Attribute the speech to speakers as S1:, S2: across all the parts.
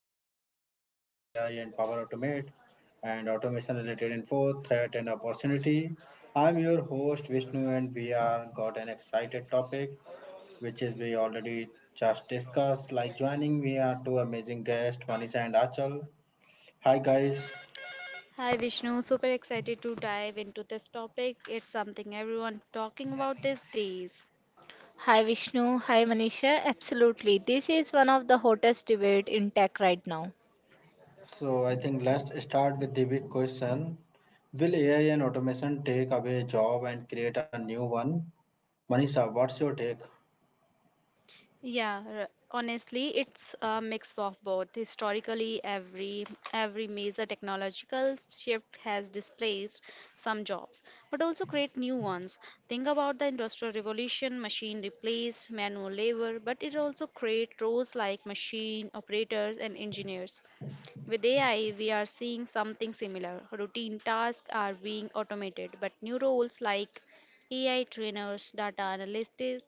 S1: information like AI and power automate and automation related info, threat and opportunity. I'm your host Vishnu and we are got an excited topic which is we already just discussed. Like joining me are two amazing guests, Manisha and Achal. Hi guys.
S2: Hi Vishnu, super excited to dive into this topic. It's something everyone talking about these days.
S3: Hi Vishnu, hi Manisha. Absolutely. This is one of the hottest debate in tech right now.
S1: So I think let's start with the big question. Will AI and automation take away a job and create a new one? Manisha, what's your take?
S2: Honestly, it's a mix of both. Historically, every major technological shift has displaced some jobs, but also create new ones. Think about the industrial revolution, machine replaced manual labor, but it also create roles like machine operators and engineers. With AI, we are seeing something similar. Routine tasks are being automated, but new roles like AI trainers, data analysts,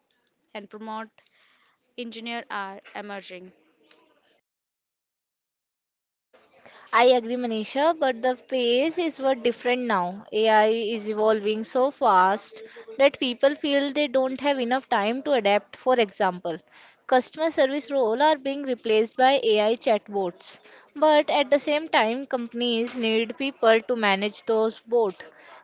S2: and prompt engineer are emerging.
S3: I agree, Manisha, but the pace is what different now. AI is evolving so fast that people feel they don't have enough time to adapt. For example, customer service roles are being replaced by AI chatbots, but at the same time, companies need people to manage those bots,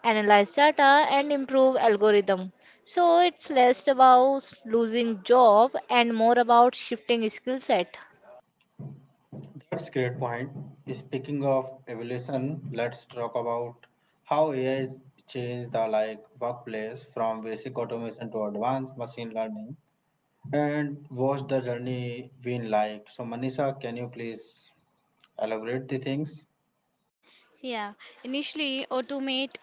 S3: analyze data, and improve algorithm. So it's less about losing job and more about shifting skill set.
S1: That's great point. Speaking of evolution, let's talk about how AI has changed the like workplace from basic automation to advanced machine learning and what's the journey been like. So Manisha, can you please elaborate the things?
S2: Yeah, initially automate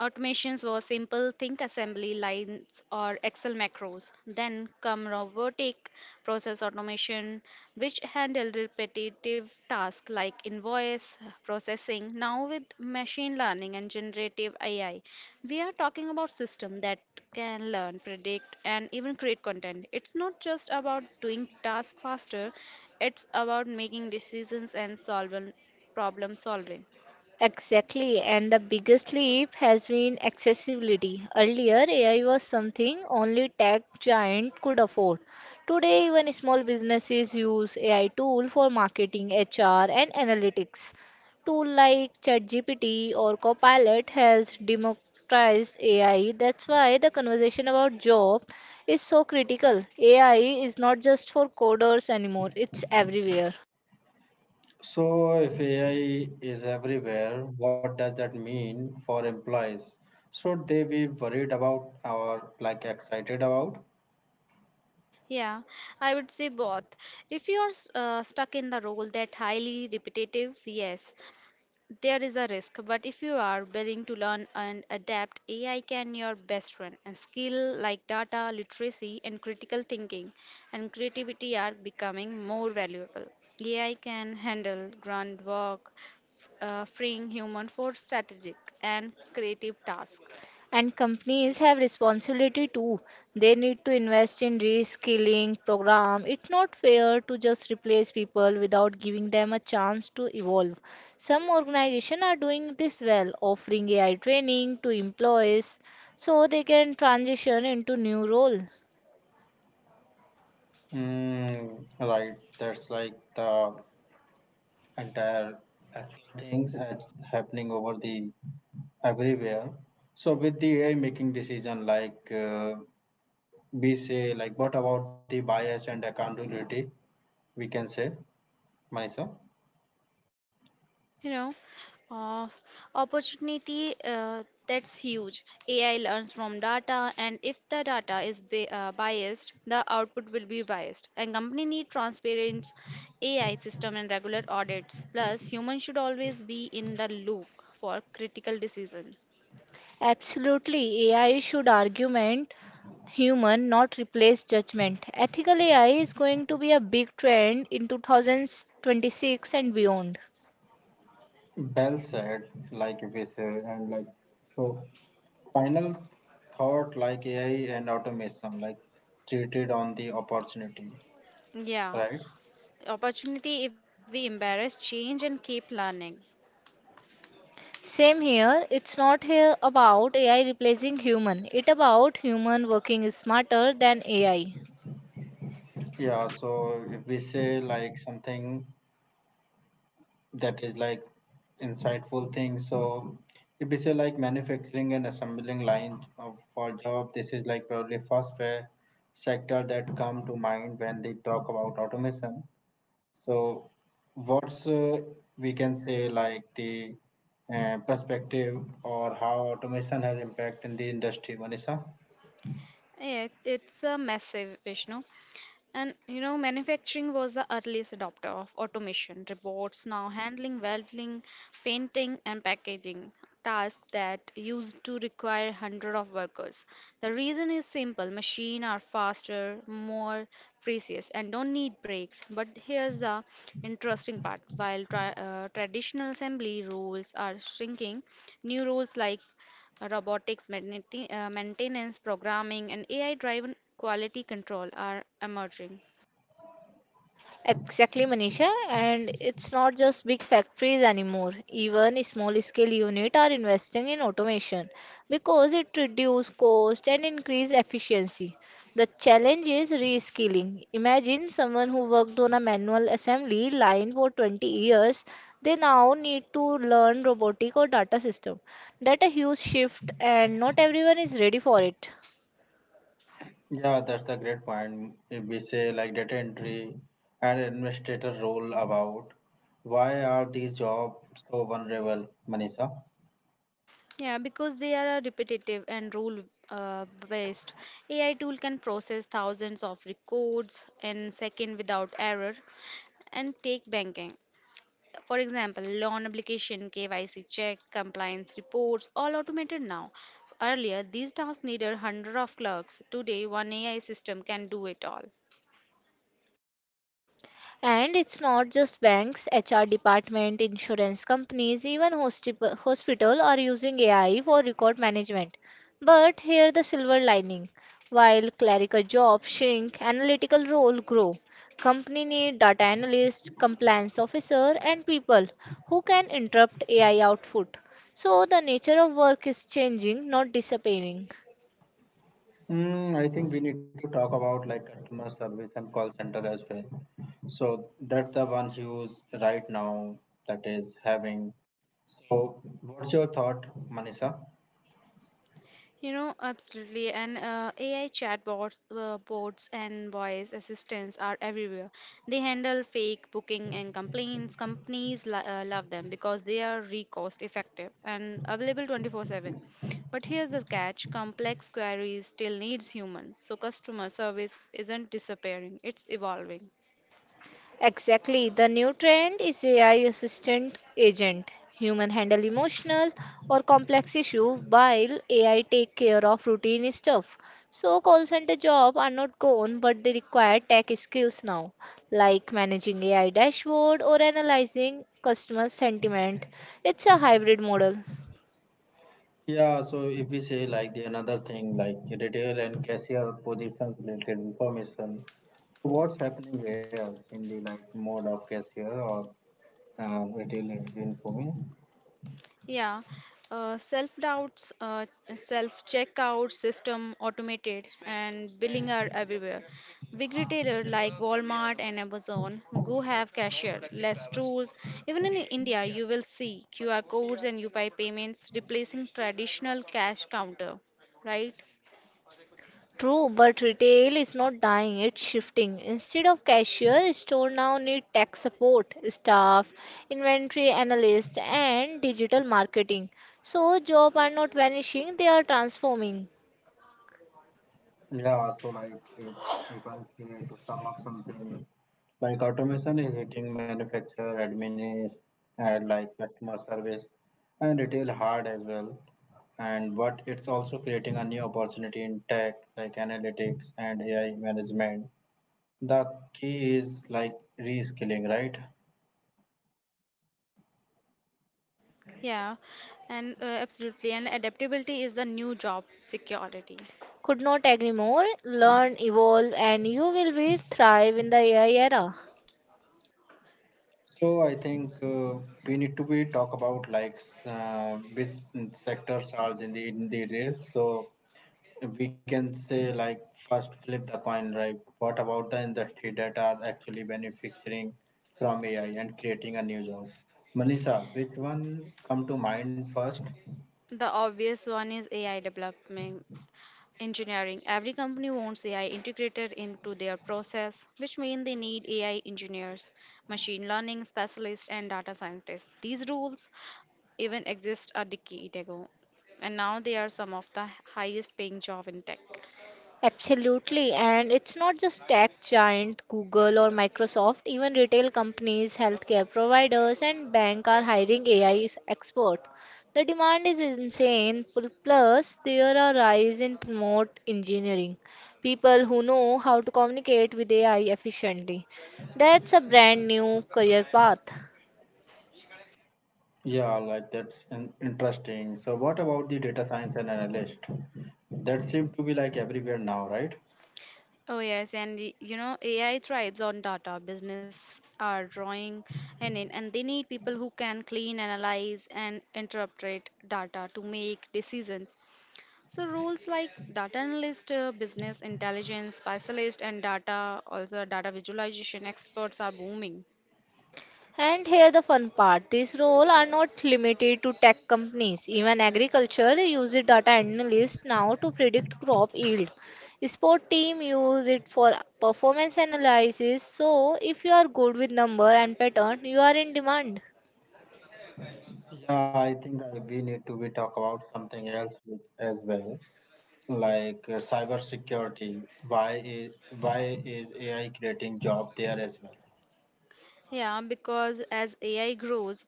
S2: Automations were simple think assembly lines or Excel macros. Then come robotic process automation, which handled repetitive tasks like invoice processing. Now, with machine learning and generative AI, we are talking about system that can learn, predict, and even create content. It's not just about doing tasks faster; it's about making decisions and solving problem solving.
S3: Exactly, and the biggest leap has been accessibility. Earlier, AI was something only tech giant could afford. Today, even small businesses use AI tool for marketing, HR, and analytics. Tool like ChatGPT or Copilot has democratized AI. That's why the conversation about job is so critical. AI is not just for coders anymore; it's everywhere.
S1: So, if AI is everywhere, what does that mean for employees? Should they be worried about or like excited about?
S2: Yeah, I would say both. If you are stuck in the role that highly repetitive, yes, there is a risk. But if you are willing to learn and adapt, AI can your best friend. And skill like data literacy and critical thinking and creativity are becoming more valuable. AI can handle grunt work, freeing human for strategic and creative tasks.
S3: And companies have responsibility too. They need to invest in reskilling program. It's not fair to just replace people without giving them a chance to evolve. Some organizations are doing this well, offering AI training to employees so they can transition into new role.
S1: Hmm. Right, that's like the entire actual things that's happening over the everywhere. So, with the AI making decision, like we say, like what about the bias and accountability? We can say, Manisha.
S2: You know, uh, Opportunity that's huge. AI learns from data, and if the data is biased, the output will be biased. A company need transparent AI system and regular audits. Plus, humans should always be in the loop for critical decision.
S3: Absolutely, AI should argument human, not replace judgment. Ethical AI is going to be a big trend in 2026 and beyond.
S1: Bell said, like we said, and like so. Final thought, like AI and automation, like treated on the opportunity,
S2: Yeah,
S1: right?
S2: opportunity if we embrace change and keep learning.
S3: Same here. It's not here about AI replacing human. It about human working smarter than AI.
S1: Yeah. So if we say like something that is like insightful thing, so if we say like manufacturing and assembling line of for job, this is like probably first way sector that come to mind when they talk about automation. So, what's we can say like the perspective or how automation has impact in the industry, Manisha?
S2: It's a massive, Vishnu. And you know, manufacturing was the earliest adopter of automation. Robots now handling welding, painting, and packaging tasks that used to require hundreds of workers. The reason is simple: machines are faster, more precise, and don't need brakes. But here's the interesting part: while traditional assembly rules are shrinking, new rules like robotics, maintenance, programming, and AI driven quality control are emerging.
S3: Exactly, Manisha. And it's not just big factories anymore. Even small scale units are investing in automation because it reduces cost and increase efficiency. The challenge is reskilling. Imagine someone who worked on a manual assembly line for 20 years. They now need to learn robotic or data system. That a huge shift and not everyone is ready for it.
S1: Yeah, that's the great point. If we say like data entry and administrator role about why are these jobs so vulnerable, Manisha?
S2: Yeah, because they are repetitive and rule based. AI tool can process thousands of records in second without error and take banking. For example, loan application, KYC check, compliance reports, all automated now. Earlier, these tasks needed hundreds of clerks. Today, one AI system can do it all.
S3: And it's not just banks, HR department, insurance companies, even hospital are using AI for record management. But here the silver lining. While clerical jobs shrink, analytical roles grow. Company need data analysts, compliance officer, and people who can interrupt AI output. So the nature of work is changing, not disappearing.
S1: Hmm, I think we need to talk about like customer service and call center as well. So that's the one huge right now that is having. So what's your thought, Manisha?
S2: You know, absolutely. And AI chatbots, bots, and voice assistants are everywhere. They handle fake booking and complaints. Companies love them because they are re cost effective and available 24/7. But here's the catch: complex queries still needs humans. So customer service isn't disappearing; it's evolving.
S3: Exactly. The new trend is AI assistant agent. Human handle emotional or complex issue while AI take care of routine stuff. So call center job are not gone but they require tech skills now like managing AI dashboard or analyzing customer sentiment. It's a hybrid model.
S1: Yeah, so if we say like the another thing like retail and cashier positions related information, so what's happening here in the like mode of cashier or retail info?
S2: Yeah, Self-doubts, self-checkout system automated, and billing are everywhere. Big retailer like Walmart and Amazon go have cashier, less stores. Even in India, you will see QR codes and UPI payments replacing traditional cash counter, right?
S3: True, but retail is not dying, it's shifting. Instead of cashier, store now need tech support, staff, inventory analyst, and digital marketing. So jobs are not vanishing, they are transforming.
S1: Yeah, so like if I say to sum up something, like automation is hitting manufacture, admin, and like customer service and retail hard as well. And but it's also creating a new opportunity in tech, like analytics and AI management. The key is like reskilling, right?
S2: Yeah, and Absolutely. And adaptability is the new job security.
S3: Could not agree more. Learn, evolve, and you will be thrive in the AI era.
S1: So I think we need to be talk about like which sectors are in the race. So we can say like first flip the coin, right? What about the industry that are actually benefiting from AI and creating a new job, Manisha? Which one come to mind first?
S2: The obvious one is AI development Engineering. Every company wants AI integrated into their process, which means they need AI engineers, machine learning specialists, and data scientists. These roles even exist a decade ago, and now they are some of the highest paying job in tech.
S3: Absolutely, and it's not just tech giant Google or Microsoft, even retail companies, healthcare providers, and bank are hiring AI experts. The demand is insane. Plus, there are rise in prompt engineering, people who know how to communicate with AI efficiently. That's a brand new career path.
S1: Yeah, like that's interesting, so what about the data science and analyst that seem to be like everywhere now, right?
S2: Oh yes, and you know AI thrives on data. Business are drawing and in, and they need people who can clean, analyze, and interpret data to make decisions. So roles like data analyst, business intelligence specialist, and data also data visualization experts are booming.
S3: And here the fun part, these roles are not limited to tech companies. Even agriculture uses data analysts now to predict crop yield. Sport team use it for performance analysis. So if you are good with number and pattern, you are in demand.
S1: Yeah, I think I, we need to we talk about something else with, as well, like cyber security. Why is AI creating job there as well?
S2: Yeah, because as AI grows,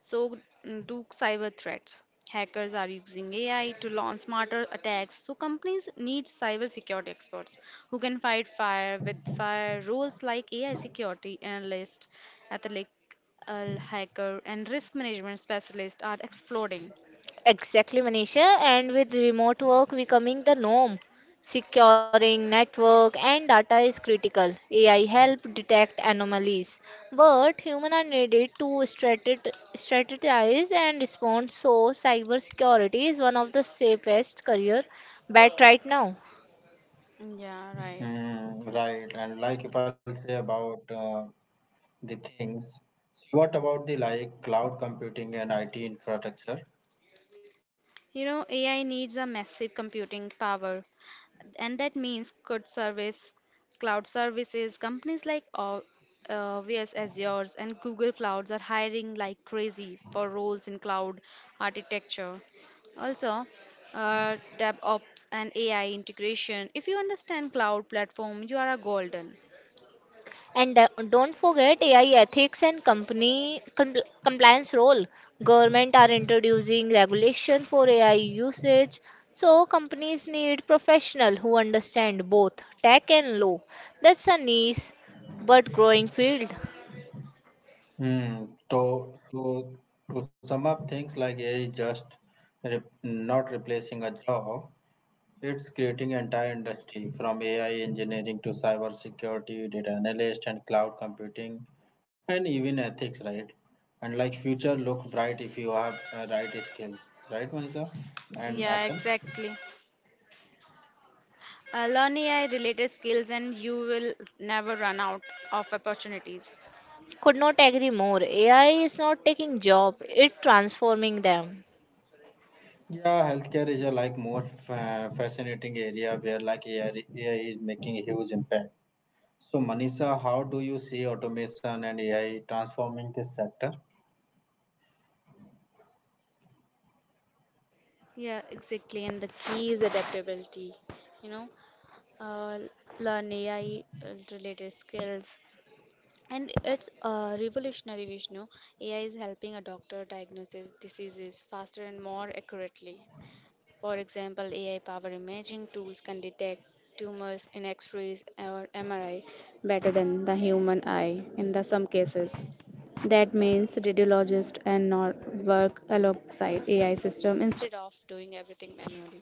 S2: so mm, do cyber threats. Hackers are using AI to launch smarter attacks. So companies need cybersecurity experts who can fight fire with fire. Roles like AI security analyst, athletic hacker, and risk management specialist are exploding.
S3: Exactly, Manisha. And with remote work becoming the norm, securing network and data is critical. AI help detect anomalies, but humans are needed to strategize and respond. So, cybersecurity is one of the safest career bet right now.
S2: Yeah, right.
S1: Mm, right. And like if I'll say about the things, so what about the like cloud computing and IT infrastructure?
S2: You know, AI needs a massive computing power, and that means cloud services. Companies like AWS, Azure's, and Google Clouds are hiring like crazy for roles in cloud architecture. Also, DevOps and AI integration. If you understand cloud platform, you are a golden.
S3: And don't forget AI ethics and company compliance role. Government are introducing regulation for AI usage, so companies need professional who understand both tech and law. That's a niche but growing field.
S1: Hmm. So to sum up things like AI is just not replacing a job, it's creating entire industry from AI engineering to cyber security, data analyst and cloud computing, and even ethics, right? And like future look bright if you have a right skill, right, Manisha and
S2: Yeah,
S1: Achal?
S2: exactly. Learn AI related skills, and you will never run out of opportunities.
S3: Could not agree more. AI is not taking job, it transforming them.
S1: Yeah, healthcare is a like most fascinating area where like AI is making a huge impact. So Manisha, how do you see automation and AI transforming this sector?
S2: Yeah, exactly. And the key is adaptability. You know, uh, Learn AI related skills. And it's revolutionary, Vishnu. AI is helping a doctor diagnose diseases faster and more accurately. For example, AI powered imaging tools can detect tumors in X rays or MRI better than the human eye in the some cases. That means radiologists and not work alongside AI system instead of doing everything manually.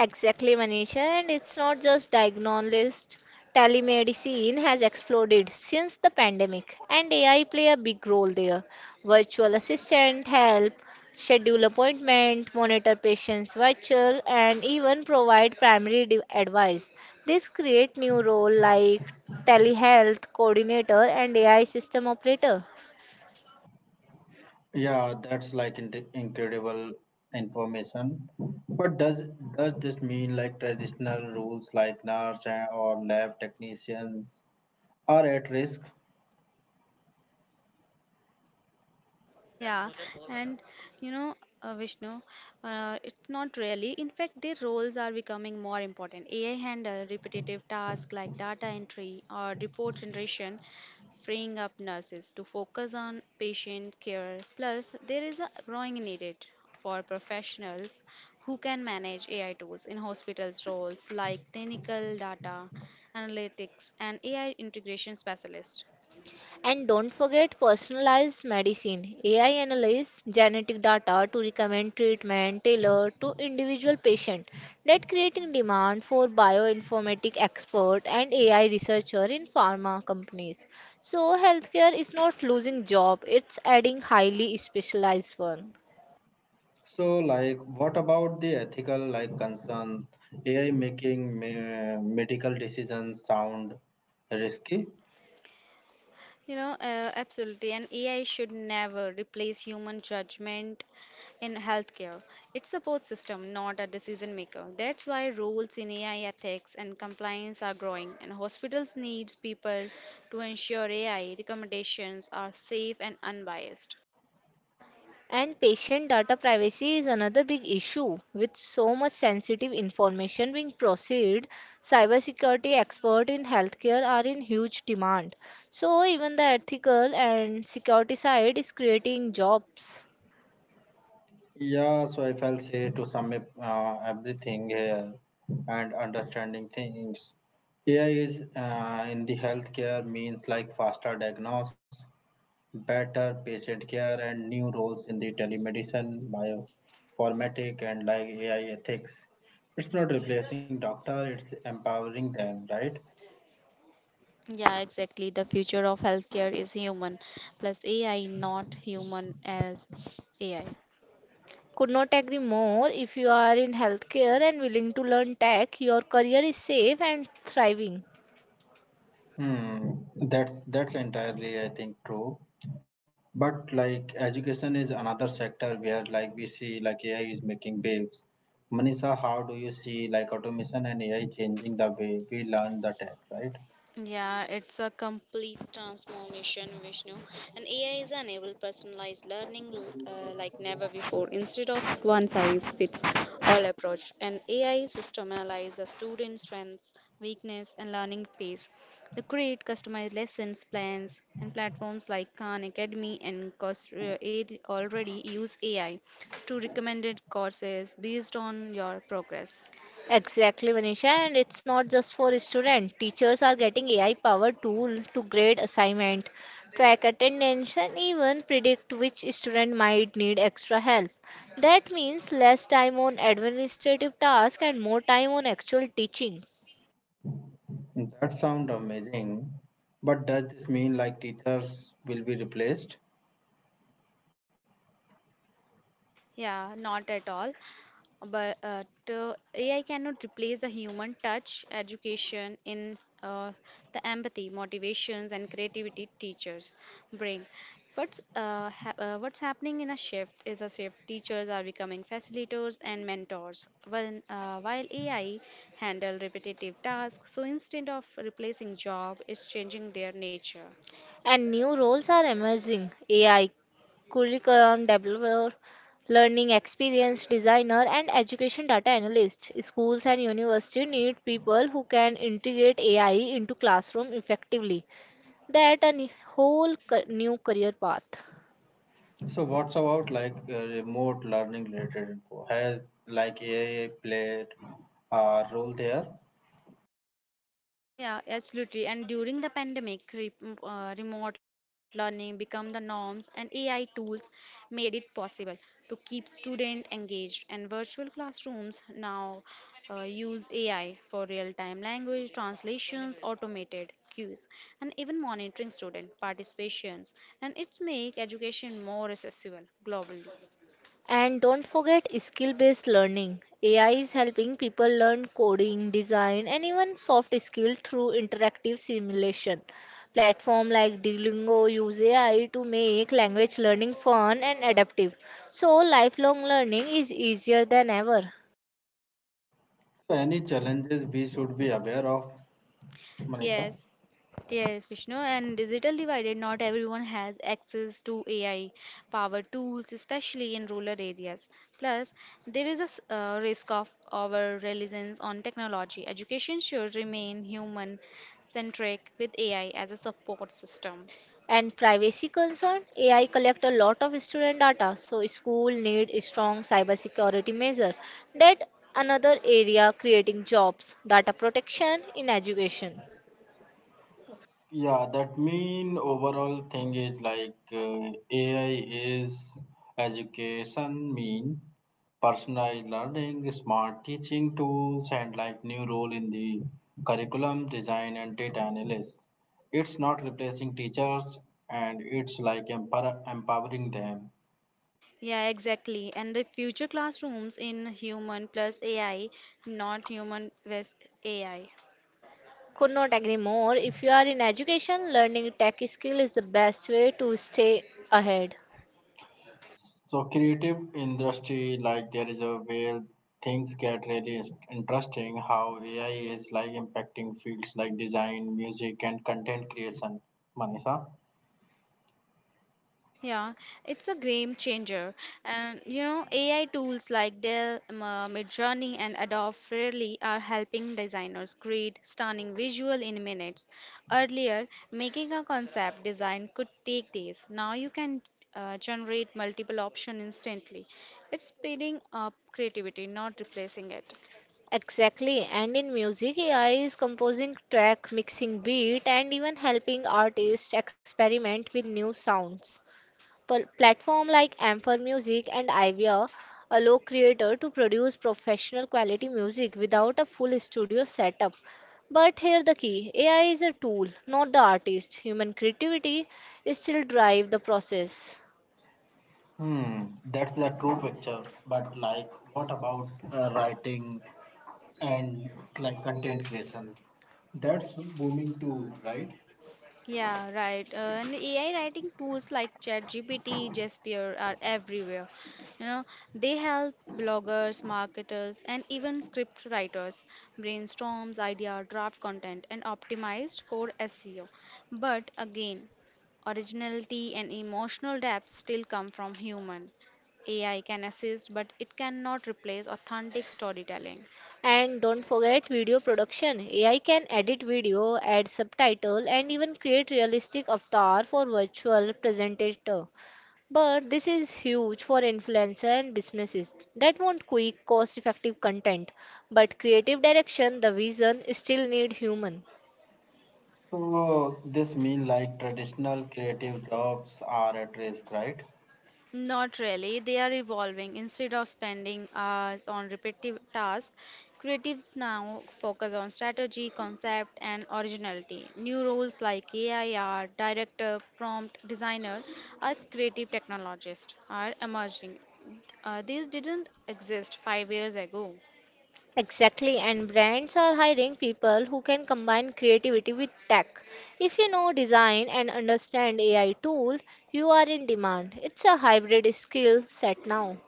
S3: Exactly, Manisha, and it's not just diagnostics. Telemedicine has exploded since the pandemic, and AI play a big role there. Virtual assistant help schedule appointment, monitor patients virtual, and even provide primary advice. This create new role like telehealth coordinator and AI system operator.
S1: Yeah, that's like incredible information. But does this mean like traditional roles like nurse or lab technicians are at risk?
S2: Yeah, and you know, Vishnu, it's not really. In fact, their roles are becoming more important. AI handle repetitive tasks like data entry or report generation, freeing up nurses to focus on patient care. Plus, there is a growing need for professionals who can manage AI tools in hospitals roles like clinical data analytics and AI integration specialist.
S3: And don't forget personalized medicine. AI analyzes genetic data to recommend treatment tailored to individual patient, that creating demand for bioinformatic expert and AI researcher in pharma companies. So healthcare is not losing job, it's adding highly specialized one.
S1: So, like, what about the ethical like concern? AI making medical decisions sound risky.
S2: Absolutely. And AI should never replace human judgment in healthcare. It's a support system, not a decision maker. That's why rules in AI ethics and compliance are growing, and hospitals needs people to ensure AI recommendations are safe and unbiased.
S3: And patient data privacy is another big issue. With so much sensitive information being processed, cybersecurity experts in healthcare are in huge demand. So even the ethical and security side is creating jobs.
S1: Yeah, so if I'll say to sum up everything here and understanding things, AI is in the healthcare means like faster diagnose, better patient care, and new roles in the telemedicine, bioinformatic, and like AI ethics. It's not replacing doctor; it's empowering them, right?
S2: Yeah, exactly. The future of healthcare is human plus AI, not human as AI.
S3: Could not agree more. If you are in healthcare and willing to learn tech, your career is safe and thriving.
S1: Hmm, that's entirely, I think, true. But like education is another sector where like we see like AI is making waves. Manisha, how do you see like automation and AI changing the way we learn the tech, right?
S2: Yeah, it's a complete transformation, Vishnu. And AI is enable personalized learning like never before. Instead of one size fits all approach, an AI system analyzes a student's strengths, weakness, and learning pace. They create customized lessons plans, and platforms like Khan Academy and Coursera aid- already use AI to recommended courses based on your progress.
S3: Exactly, Manisha, and it's not just for students. Teachers are getting AI-powered tool to grade assignment, track attendance, and even predict which student might need extra help. That means less time on administrative tasks and more time on actual teaching.
S1: That sounds amazing. But does this mean like teachers will be replaced?
S2: Yeah, not at all. AI cannot replace the human touch, education in uh, the empathy, motivations, and creativity teachers bring. But what's happening in a shift is a shift. Teachers are becoming facilitators and mentors. While AI handle repetitive tasks, so instead of replacing job, it's changing their nature.
S3: And new roles are emerging AI, curriculum developer, learning experience designer, and education data analyst. Schools and universities need people who can integrate AI into classroom effectively. That a whole new career path.
S1: So what's about like remote learning related info? Has like AI played a role there?
S2: Yeah, absolutely. And during the pandemic, re remote learning became the norms, and AI tools made it possible to keep students engaged. And virtual classrooms now use AI for real-time language translations, automated cues, and even monitoring student participations. And it's make education more accessible globally.
S3: And don't forget skill based learning. AI is helping people learn coding, design, and even soft skill through interactive simulation. Platform like Duolingo use AI to make language learning fun and adaptive. So lifelong learning is easier than ever.
S1: So any challenges we should be aware of? Manisha?
S2: Yes. Yes, Vishnu, and digital divided, not everyone has access to AI powered tools, especially in rural areas. Plus, there is a risk of our reliance on technology. Education should remain human centric with AI as a support system.
S3: And privacy concern, AI collect a lot of student data, so school need a strong cybersecurity measure. That another area creating jobs, data protection in education.
S1: Yeah, that mean overall thing is like AI is education mean personalized learning, smart teaching tools, and like new role in the curriculum design and data analysis. It's not replacing teachers, and it's like empowering them.
S2: Yeah, exactly. And the future classrooms in human plus AI, not human with AI.
S3: Could not agree more. If you are in education, learning tech skill is the best way to stay ahead.
S1: So creative industry, like there is a where things get really interesting. How AI is like impacting fields like design, music, and content creation. Manisha?
S2: Yeah, it's a game changer. And you know, AI tools like Dell, Midjourney, and Adobe Fairly are helping designers create stunning visual in minutes. Earlier, making a concept design could take days. Now you can generate multiple options instantly. It's speeding up creativity, not replacing it.
S3: Exactly. And in music, AI is composing track, mixing beat, and even helping artists experiment with new sounds. Platform like Amper Music and Ivia allow creator to produce professional quality music without a full studio setup. But here the key AI is a tool, not the artist. Human creativity still drive the process.
S1: Hmm, that's the true picture. But like, what about writing and like content creation? That's booming too, right?
S2: Yeah, right. And AI writing tools like ChatGPT, Jaspier are everywhere. You know, they help bloggers, marketers, and even script writers brainstorms, idea, draft content, and optimized for SEO. But again, originality and emotional depth still come from human. AI can assist, but it cannot replace authentic storytelling.
S3: And don't forget video production. AI can edit video, add subtitle, and even create realistic avatar for virtual presentator. But this is huge for influencer and businesses that want quick, cost-effective content. But creative direction, the vision, still need human.
S1: So this mean like traditional creative jobs are at risk, right?
S2: Not really. They are evolving. Instead of spending hours on repetitive tasks, creatives now focus on strategy, concept, and originality. New roles like AI art, director, prompt designer, or creative technologist are emerging. These didn't exist 5 years ago.
S3: Exactly, and brands are hiring people who can combine creativity with tech. If you know design and understand AI tool, you are in demand. It's a hybrid skill set now.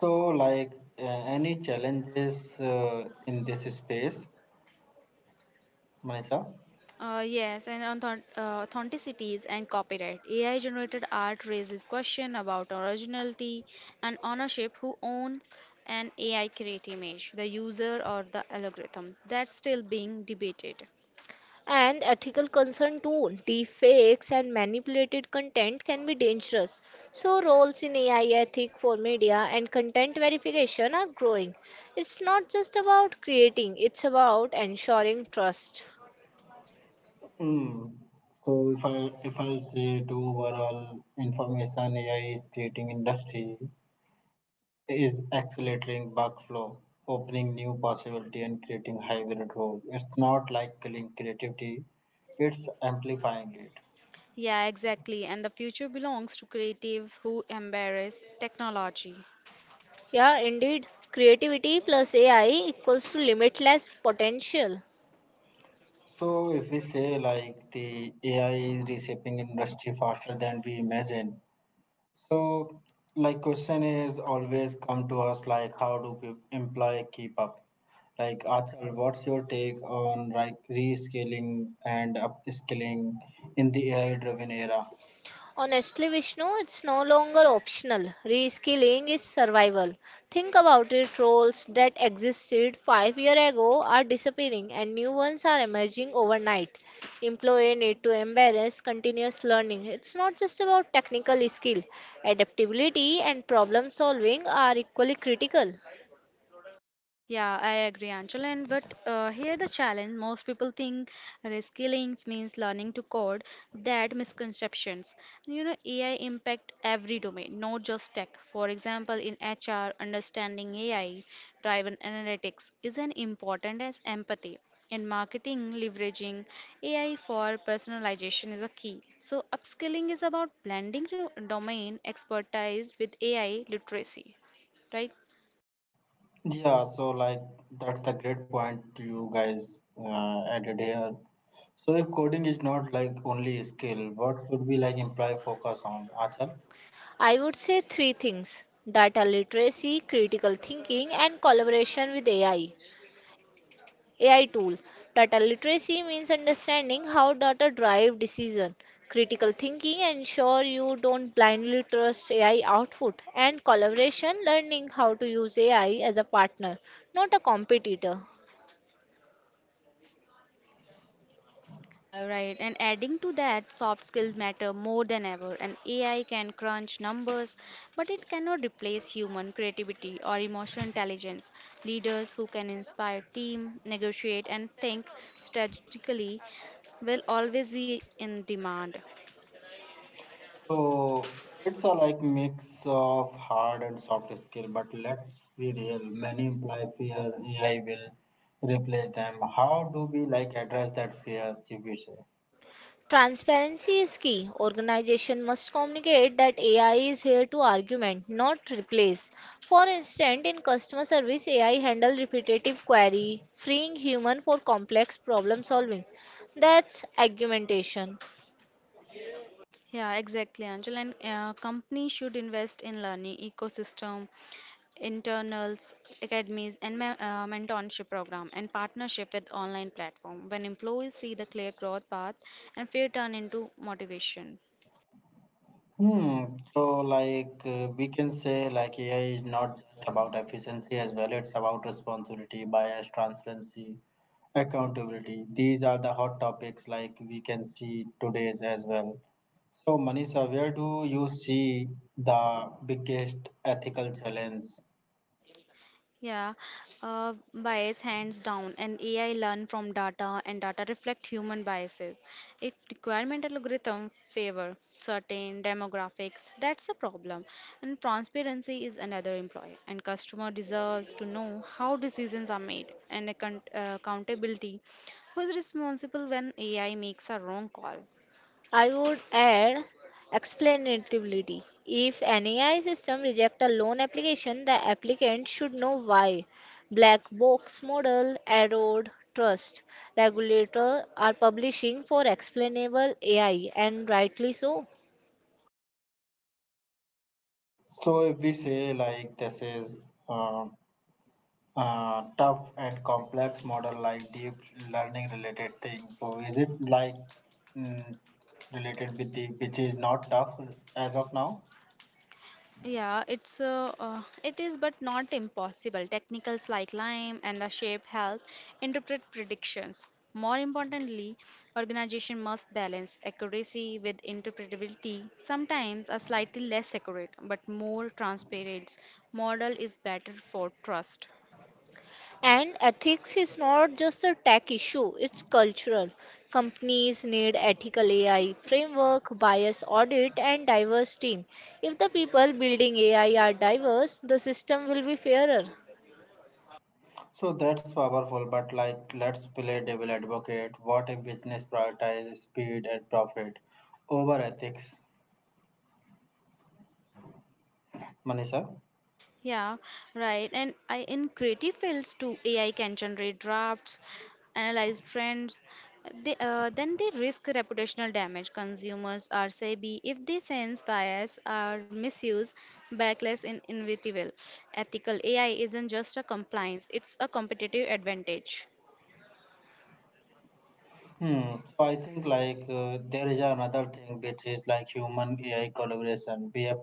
S1: So, like any challenges in this space, Manisha?
S2: Yes, and on authenticities and copyright. AI-generated art raises question about originality and ownership. Who owns an AI create image, the user or the algorithm? That's still being debated.
S3: And ethical concern too. Deepfakes and manipulated content can be dangerous. So roles in AI ethic for media and content verification are growing. It's not just about creating, it's about ensuring trust.
S1: Mm. So, if I say to overall information AI is creating industry is accelerating workflow, opening new possibility and creating hybrid role. It's not like killing creativity; it's amplifying it.
S2: Yeah, exactly. And the future belongs to creative who embrace technology.
S3: Yeah, indeed. Creativity plus AI equals to limitless potential.
S1: So, if we say like the AI is reshaping industry faster than we imagine. So, like, question is always come to us like, how do we employ keep up? Like, Achal, what's your take on like rescaling and upskilling in the AI-driven era?
S3: Honestly, Vishnu, it's no longer optional. Reskilling is survival. Think about it roles that existed 5 years ago are disappearing and new ones are emerging overnight. Employee need to embrace continuous learning. It's not just about technical skill. Adaptability and problem solving are equally critical.
S2: Yeah, I agree, Anchal. And but here the challenge most people think reskilling means learning to code. That misconceptions. You know, AI impact every domain, not just tech. For example, in HR, understanding AI-driven analytics is as important as empathy. In marketing, leveraging AI for personalization is a key. So upskilling is about blending domain expertise with AI literacy, right?
S1: Yeah, so like that's the great point you guys added here. So, if coding is not like only a skill, what should we like employee focus on, Achal?
S3: I would say three things data literacy, critical thinking, and collaboration with AI. AI tool. Data literacy means understanding how data drive decision, critical thinking, ensure you don't blindly trust AI output, and collaboration, learning how to use AI as a partner, not a competitor.
S2: Yeah, right. And adding to that, soft skills matter more than ever. And AI can crunch numbers, but it cannot replace human creativity or emotional intelligence. Leaders who can inspire team, negotiate, and think strategically will always be in demand.
S1: So it's a like mix of hard and soft skill, but let's be real. Many employ fear AI will replace them. How do we like address that fear if we say?
S3: Transparency is key. Organization must communicate that AI is here to argument, not replace. For instance, in customer service, AI handle repetitive query, freeing human for complex problem solving. That's argumentation.
S2: Yeah, exactly, Angela. And companies should invest in learning ecosystem, internals, academies, and mentorship program, and partnership with online platform. When employees see the clear growth path and fear turn into motivation.
S1: Hmm. So like we can say like AI is not just about efficiency as well. It's about responsibility, bias, transparency, accountability. These are the hot topics like we can see today's as well. So, Manisha, where do you see the biggest ethical challenge?
S2: Yeah, Bias hands down, and AI learn from data, and data reflect human biases. If requirement algorithm favor certain demographics, that's a problem. And transparency is another employee. And customer deserves to know how decisions are made and accountability. Who is responsible when AI makes a wrong call?
S3: I would add explainability. If an AI system rejects a loan application, the applicant should know why. Black box model, erode, trust. Regulator are publishing for explainable AI, and rightly so.
S1: So, if we say like this is uh, tough and complex model like deep learning related things. So, is it like mm, related with the which is not tough as of now?
S2: It is but not impossible. Technicals like lime and the shape help interpret predictions. More importantly, organization must balance accuracy with interpretability. Sometimes a slightly less accurate but more transparent model is better for trust.
S3: And ethics is not just a tech issue, it's cultural. Companies need ethical AI framework, bias audit, and diverse team. If the people building AI are diverse, the system will be fairer.
S1: So that's powerful, but like let's play devil advocate. What if business prioritizes speed and profit over ethics, Manisha?
S2: Yeah, right. And I in creative fields too, AI can generate drafts, analyze trends. Then they risk reputational damage. Consumers are savvy. If they sense bias or misuse, backlash in inevitable. Ethical AI isn't just a compliance; it's a competitive advantage.
S1: Hmm. So I think like there is another thing which is like human AI collaboration. We have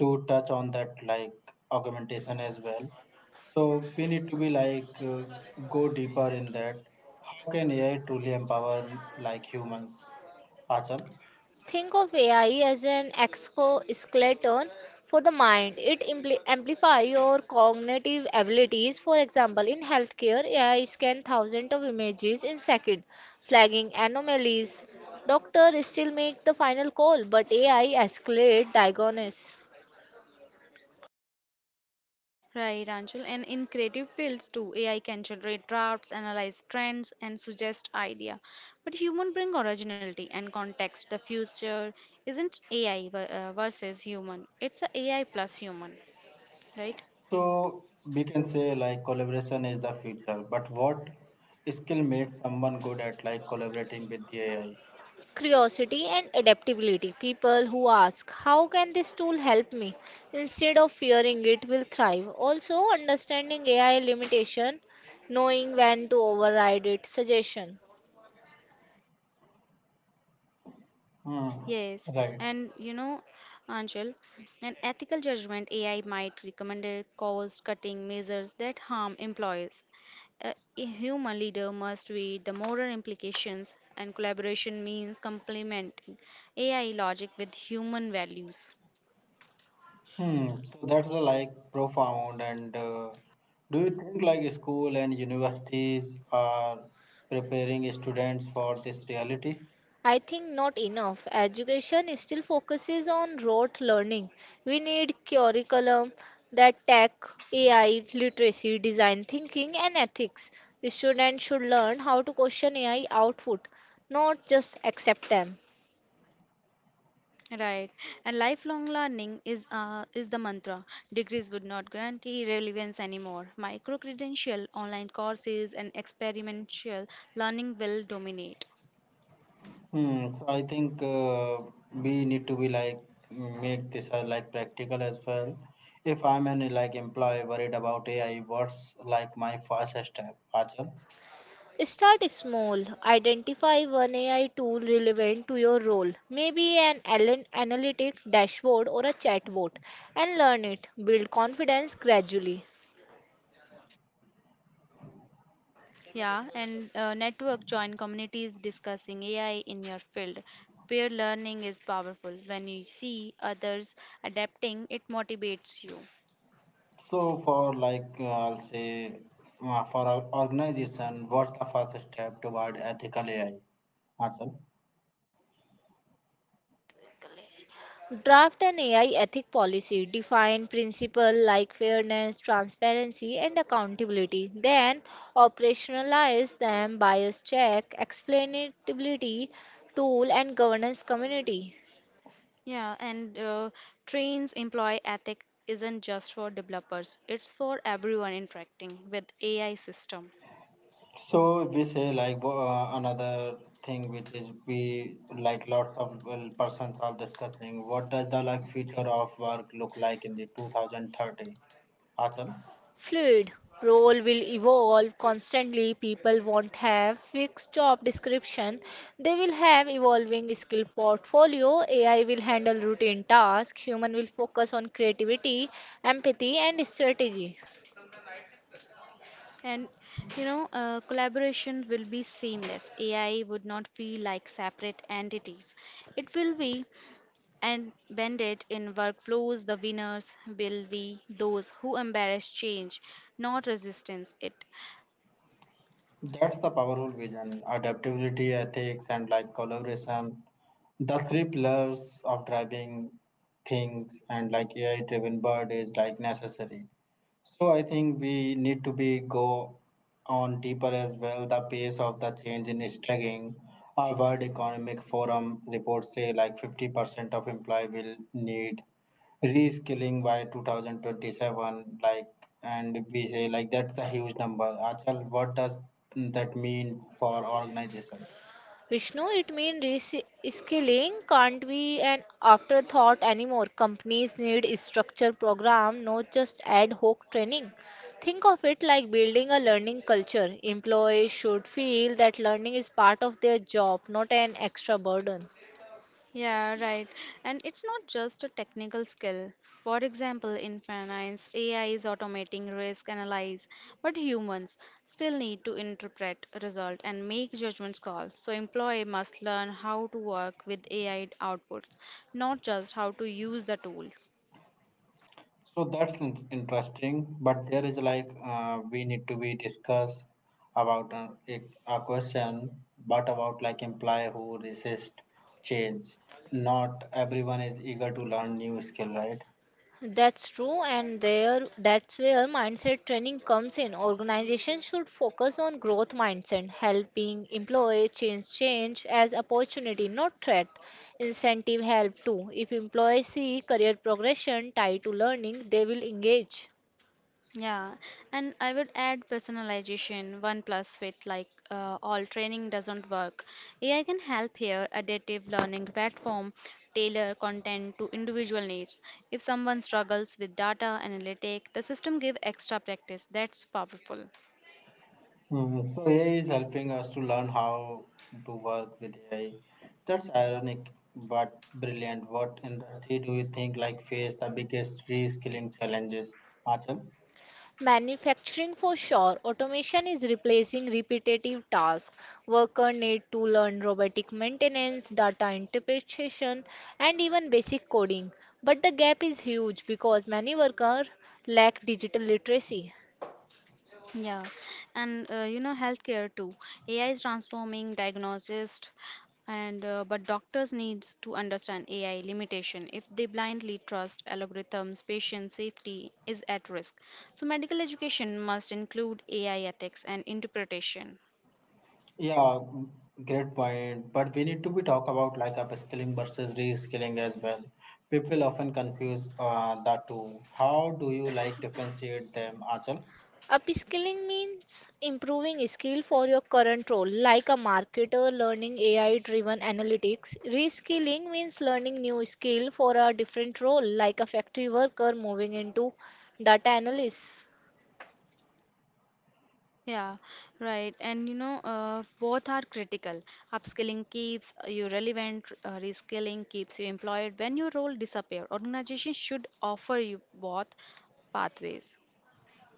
S1: to touch on that like augmentation as well. So we need to be like go deeper in that. How can AI truly empower like humans? Achal.
S3: Think of AI as an exoskeleton for the mind. It amplify your cognitive abilities. For example, in healthcare, AI scan thousands of images in second, flagging anomalies. Doctor still make the final call, but AI escalate diagnosis.
S2: Right, Anshul. And in creative fields too, AI can generate drafts, analyze trends, and suggest idea. But human bring originality and context. The future isn't AI versus human. It's a AI plus human, right?
S1: So we can say like collaboration is the future, but what skill makes someone good at like collaborating with the AI?
S3: Curiosity and adaptability. People who ask, how can this tool help me? Instead of fearing it, will thrive. Also, understanding AI limitation, knowing when to override its suggestion.
S1: Hmm.
S2: Yes,
S1: Right.
S2: and you know, Anjal, an ethical judgment AI might recommend a cost-cutting measures that harm employees. A human leader must weigh the moral implications, and collaboration means complementing AI logic with human values.
S1: Hmm. So that's the like profound and do you think like school and universities are preparing students for this reality?
S3: I think not enough. Education still focuses on rote learning. We need curriculum that tackle AI literacy, design thinking, and ethics. Students should learn how to question AI output, not just accept them.
S2: Right, and lifelong learning is the mantra. Degrees would not guarantee relevance anymore. Micro-credential, online courses, and experiential learning will dominate.
S1: Hmm. So I think we need to be like make this like practical as well. If I'm an like employee worried about AI, what's like my first step, Arjun?
S3: Start small. Identify one AI tool relevant to your role, maybe an Allen analytic dashboard or a chatbot, and learn it. Build confidence gradually.
S2: Yeah, and network join communities discussing AI in your field. Peer learning is powerful. When you see others adapting, it motivates you.
S1: So for like I'll say for our organization, what's the first step toward ethical AI, Arjun?
S3: Draft an AI ethic policy. Define principles like fairness, transparency, and accountability. Then operationalize them bias check, explainability tool, and governance community.
S2: Yeah, and trains employee ethic isn't just for developers, it's for everyone interacting with AI system.
S1: So we say like another thing which is we like lots of well, persons are discussing what does the like future of work look like in the 2030, Achal?
S3: Fluid role will evolve constantly. People won't have fixed job description. They will have evolving skill portfolio. AI will handle routine tasks. Human will focus on creativity, empathy, and strategy.
S2: And collaboration will be seamless. AI would not feel like separate entities. It will be and bend it in workflows, the winners will be those who embrace change, not resistance it.
S1: That's the powerful vision. Adaptability, ethics, and like collaboration, the three pillars of driving things and like AI driven bird is like necessary. So I think we need to be go on deeper as well. The pace of the change in is staggering. Our World Economic Forum reports say like 50% of employee will need reskilling by 2027, like, and we say like that's a huge number. Achal, what does that mean for organization?
S3: Vishnu, it means reskilling can't be an afterthought anymore. Companies need a structured program, not just ad hoc training. Think of it like building a learning culture. Employees should feel that learning is part of their job, not an extra burden.
S2: Yeah, right. And it's not just a technical skill. For example, in finance, AI is automating risk analysis, but humans still need to interpret result and make judgments calls. So employee must learn how to work with AI outputs, not just how to use the tools.
S1: So that's interesting, but there is like we need to be discuss about a question but about like employee who resist change. Not everyone is eager to learn new skill, right?
S3: That's true, and there that's where mindset training comes in. Organizations should focus on growth mindset, helping employees change as opportunity, not threat. Incentive help too. If employees see career progression tied to learning, they will engage.
S2: Yeah, and I would add personalization, one plus fit, all training doesn't work. AI can help here, adaptive learning platform, tailor content to individual needs. If someone struggles with data analytic, the system give extra practice. That's powerful.
S1: Mhm. So AI is helping us to learn how to work with AI. That's ironic but brilliant. What industry do you think like face the biggest reskilling challenges, Achal?
S3: Manufacturing for sure, automation is replacing repetitive tasks. Worker need to learn robotic maintenance, data interpretation, and even basic coding. But the gap is huge because many workers lack digital literacy.
S2: Yeah, and healthcare too. AI is transforming diagnosis, and but doctors needs to understand AI limitation. If they blindly trust algorithms, patient safety is at risk. So medical education must include AI ethics and interpretation.
S1: Yeah, great point. But we need to be talk about like upskilling versus reskilling as well. People often confuse the two. How do you like differentiate them, Achal?
S3: Upskilling means improving skill for your current role, like a marketer learning AI driven analytics. Reskilling means learning new skill for a different role, like a factory worker moving into data analyst.
S2: Yeah, right. And both are critical. Upskilling keeps you relevant, reskilling keeps you employed. When your role disappears, organizations should offer you both pathways.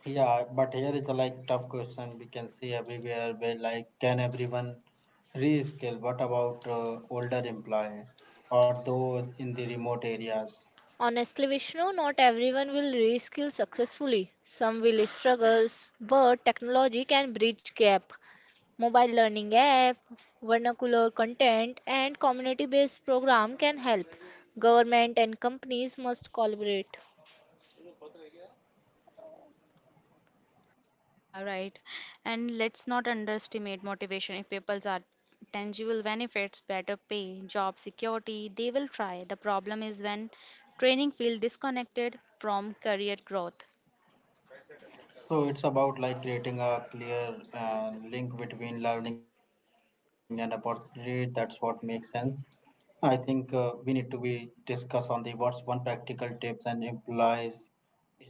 S1: Yeah, but here is a like tough question we can see everywhere where like can everyone reskill? What about older employee or those in the remote areas?
S3: Honestly, Vishnu, not everyone will reskill successfully. Some will struggle, but technology can bridge gap. Mobile learning app, vernacular content, and community-based program can help. Government and companies must collaborate.
S2: Yeah, right. And let's not underestimate motivation. If people's are tangible benefits, better pay, job security, they will try. The problem is when training feels disconnected from career growth.
S1: So it's about like creating a clear link between learning and opportunity. That's what makes sense. I think we need to be discuss on the what's one practical tips and implies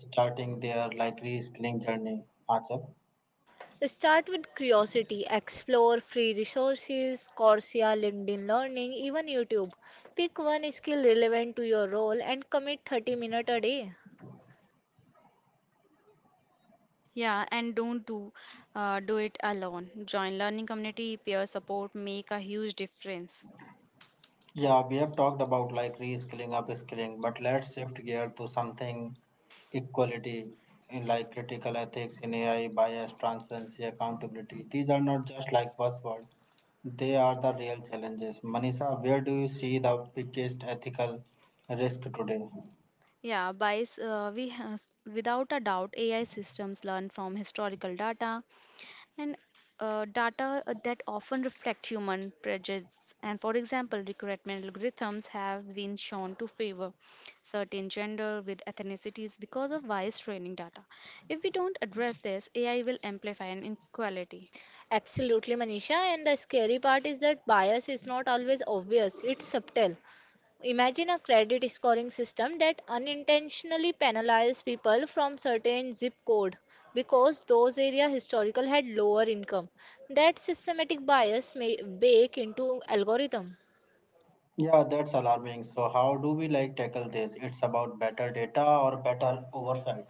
S1: starting their like reskilling journey. Achal?
S3: Start with curiosity, explore free resources, Coursera, LinkedIn Learning, even YouTube. Pick one skill relevant to your role and commit 30 minutes a day.
S2: Yeah, and don't do it alone. Join learning community, peer support make a huge difference.
S1: Yeah, we have talked about like reskilling, upskilling, but let's shift gear to something equality in like critical ethics in AI, bias, transparency, accountability. These are not just like buzzwords; they are the real challenges. Manisha, where do you see the biggest ethical risk today?
S2: We has, without a doubt, AI systems learn from historical data and data that often reflect human prejudice. And for example, recruitment algorithms have been shown to favor certain gender with ethnicities because of biased training data. If we don't address this, AI will amplify an inequality.
S3: Absolutely, Manisha. And the scary part is that bias is not always obvious, it's subtle. Imagine a credit scoring system that unintentionally penalizes people from certain zip code because those area historical had lower income. That systematic bias may bake into algorithm.
S1: Yeah, that's alarming. So how do we like tackle this? It's about better data or better oversight,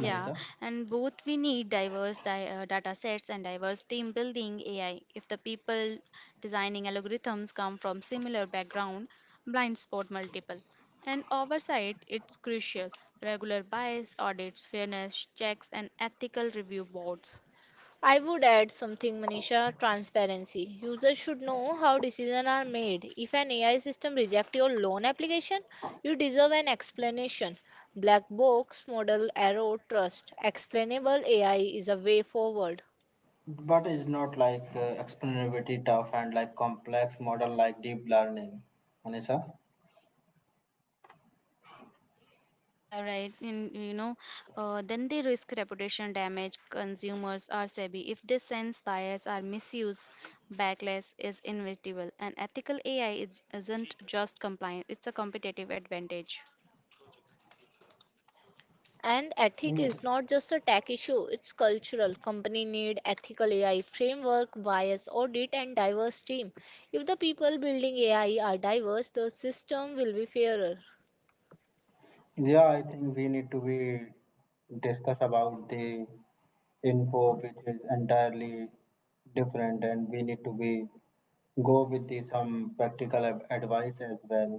S2: Yeah, and both we need diverse di data sets and diverse team building AI. If the people designing algorithms come from similar background, blind spot multiple. And oversight, it's crucial. Regular bias audits, fairness checks, and ethical review boards.
S3: I would add something, Manisha transparency. Users should know how decisions are made. If an AI system rejects your loan application, you deserve an explanation. Black box model arrow trust. Explainable AI is a way forward.
S1: But it's not like explainability tough and like complex model like deep learning, Manisha.
S2: Yeah, right. And then they risk reputation damage. Consumers are savvy. If they sense bias or misuse, backlash is inevitable. And ethical AI isn't just compliant, it's a competitive advantage.
S3: And ethic is
S1: Mm.
S3: not just a tech issue, it's cultural. Company need ethical AI framework, bias audit and diverse team. If the people building AI are diverse, the system will be fairer.
S1: Yeah, I think we need to be discuss about the info which is entirely different and we need to be go with the some practical advice as well.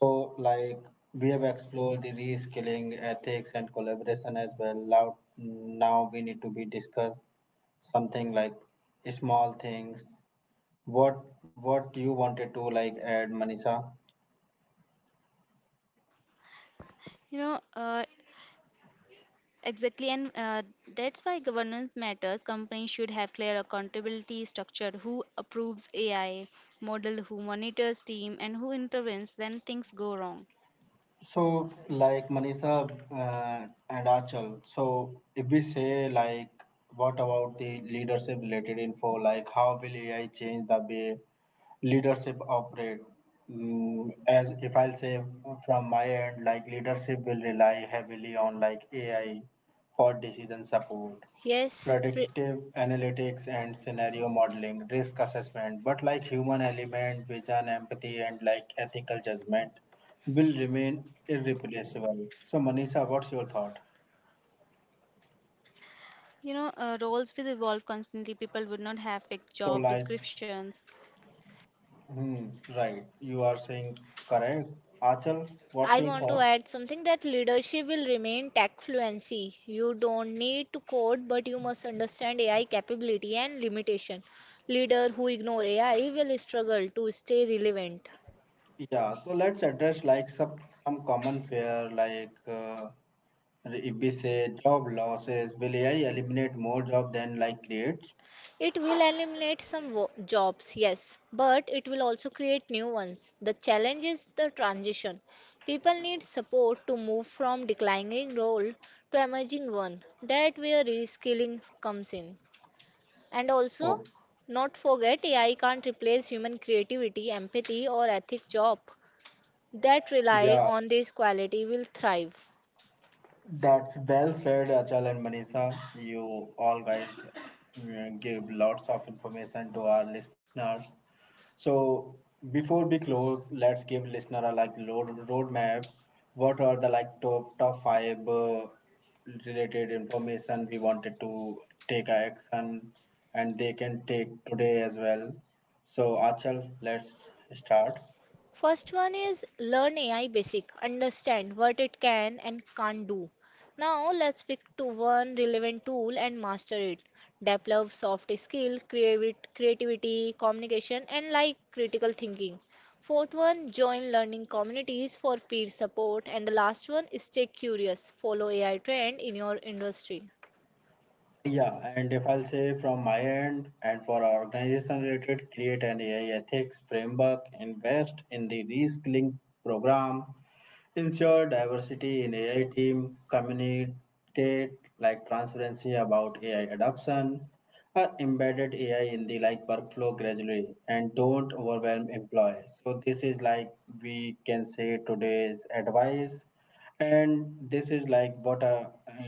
S1: So like we have explored the reskilling ethics and collaboration as well. Now we need to be discuss something like small things. What you wanted to like add, Manisha?
S2: You know, uh, exactly. And that's why governance matters. Companies should have clear accountability structure who approves AI, model who monitors team, and who intervenes when things go wrong.
S1: So, like Manisha and Achal, so if we say like, what about the leadership related info? Like, how will AI change the way leadership operate? Mm, as if I'll say from my end, like leadership will rely heavily on like AI for decision support,
S3: Yes, Pri-
S1: predictive analytics and scenario modeling, risk assessment, but like human element, vision, empathy, and like ethical judgment will remain irreplaceable. So, Manisha, what's your thought?
S2: Roles will evolve constantly. People would not have fixed
S1: So,
S2: job
S1: like,
S2: descriptions.
S1: hmm, right, you are saying correct. Achal, what's
S3: I
S1: your
S3: want to
S1: thought?
S3: add something that leadership will remain tech fluency. You don't need to code, but you must understand AI capability and limitation. Leader who ignore AI will struggle to stay relevant.
S1: Yeah, so let's address like some common fear, like if we say job losses, will AI eliminate more job than like creates?
S3: It will eliminate some jobs, yes, but it will also create new ones. The challenge is the transition. People need support to move from declining role to emerging one. That where reskilling comes in. And also,
S1: Oh,
S3: not forget AI can't replace human creativity, empathy, or ethic job that rely
S1: yeah.
S3: on this quality will thrive.
S1: That's well said, Achal and Manisha. You all guys uh, give lots of information to our listeners. So before we close, let's give listener a like road roadmap. What are the like top five related information we wanted to take action and they can take today as well. So Achal, let's start.
S3: First one is learn AI basic, understand what it can and can't do. Now let's pick to one relevant tool and master it. Develop soft skills, creativity, communication, and like critical thinking. Fourth one, join learning communities for peer support. And the last one, is stay curious, follow AI trend in your industry.
S1: Yeah, and if I'll say from my end and for our organization related, create an AI ethics framework, invest in the reskilling program, ensure diversity in AI team, communicate like transparency about AI adoption, or embedded AI in the like workflow gradually and don't overwhelm employees. So this is like we can say today's advice and this is like what a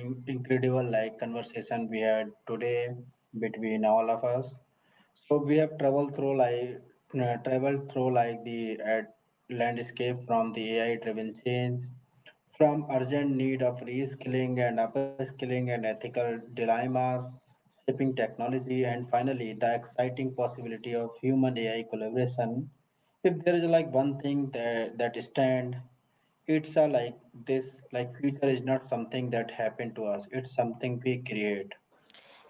S1: incredible like conversation we had today between all of us. So we have traveled through like the landscape from the AI driven change from urgent need of reskilling and upskilling and ethical dilemmas shaping technology and finally the exciting possibility of human AI collaboration. If there is like one thing that stand, it's a like this like future is not something that happened to us, it's something we create.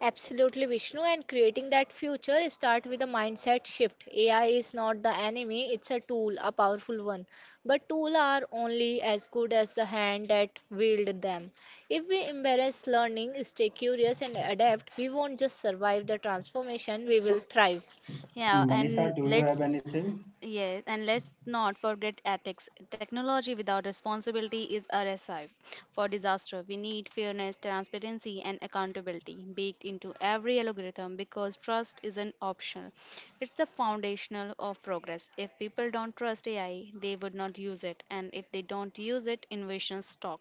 S3: Absolutely, Vishnu, and creating that future start with a mindset shift. AI is not the enemy, it's a tool, a powerful one. But tools are only as good as the hand that wield them. If we embrace learning, stay curious and adapt, we won't just survive the transformation, we will
S1: So,
S3: thrive.
S2: Yeah,
S1: Manisha,
S2: and
S1: do you have
S2: let's
S1: anything?
S2: yes, and let's not forget ethics. Technology without responsibility is a recipe for disaster. We need fairness, transparency, and accountability baked into every algorithm because trust isn't optional. It's the foundational of progress. If people don't trust AI, they would not use it, and if they don't use it, innovations stop.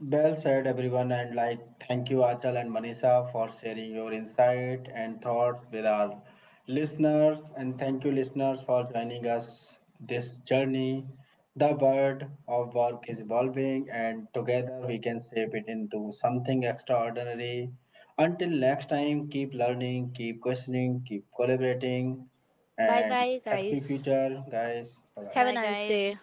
S1: Well said, everyone, and like thank you, Achal and Manisha, for sharing your insight and thoughts with our listeners. And thank you, listeners, for joining us this journey. The world of work is evolving, and together we can shape it into something extraordinary. Until next time, keep learning, keep questioning, keep collaborating,
S3: Bye
S1: and
S3: bye
S1: happy
S3: guys.
S1: future, guys. Bye bye.
S3: Have a
S2: Bye,
S3: nice
S2: guys.
S3: day.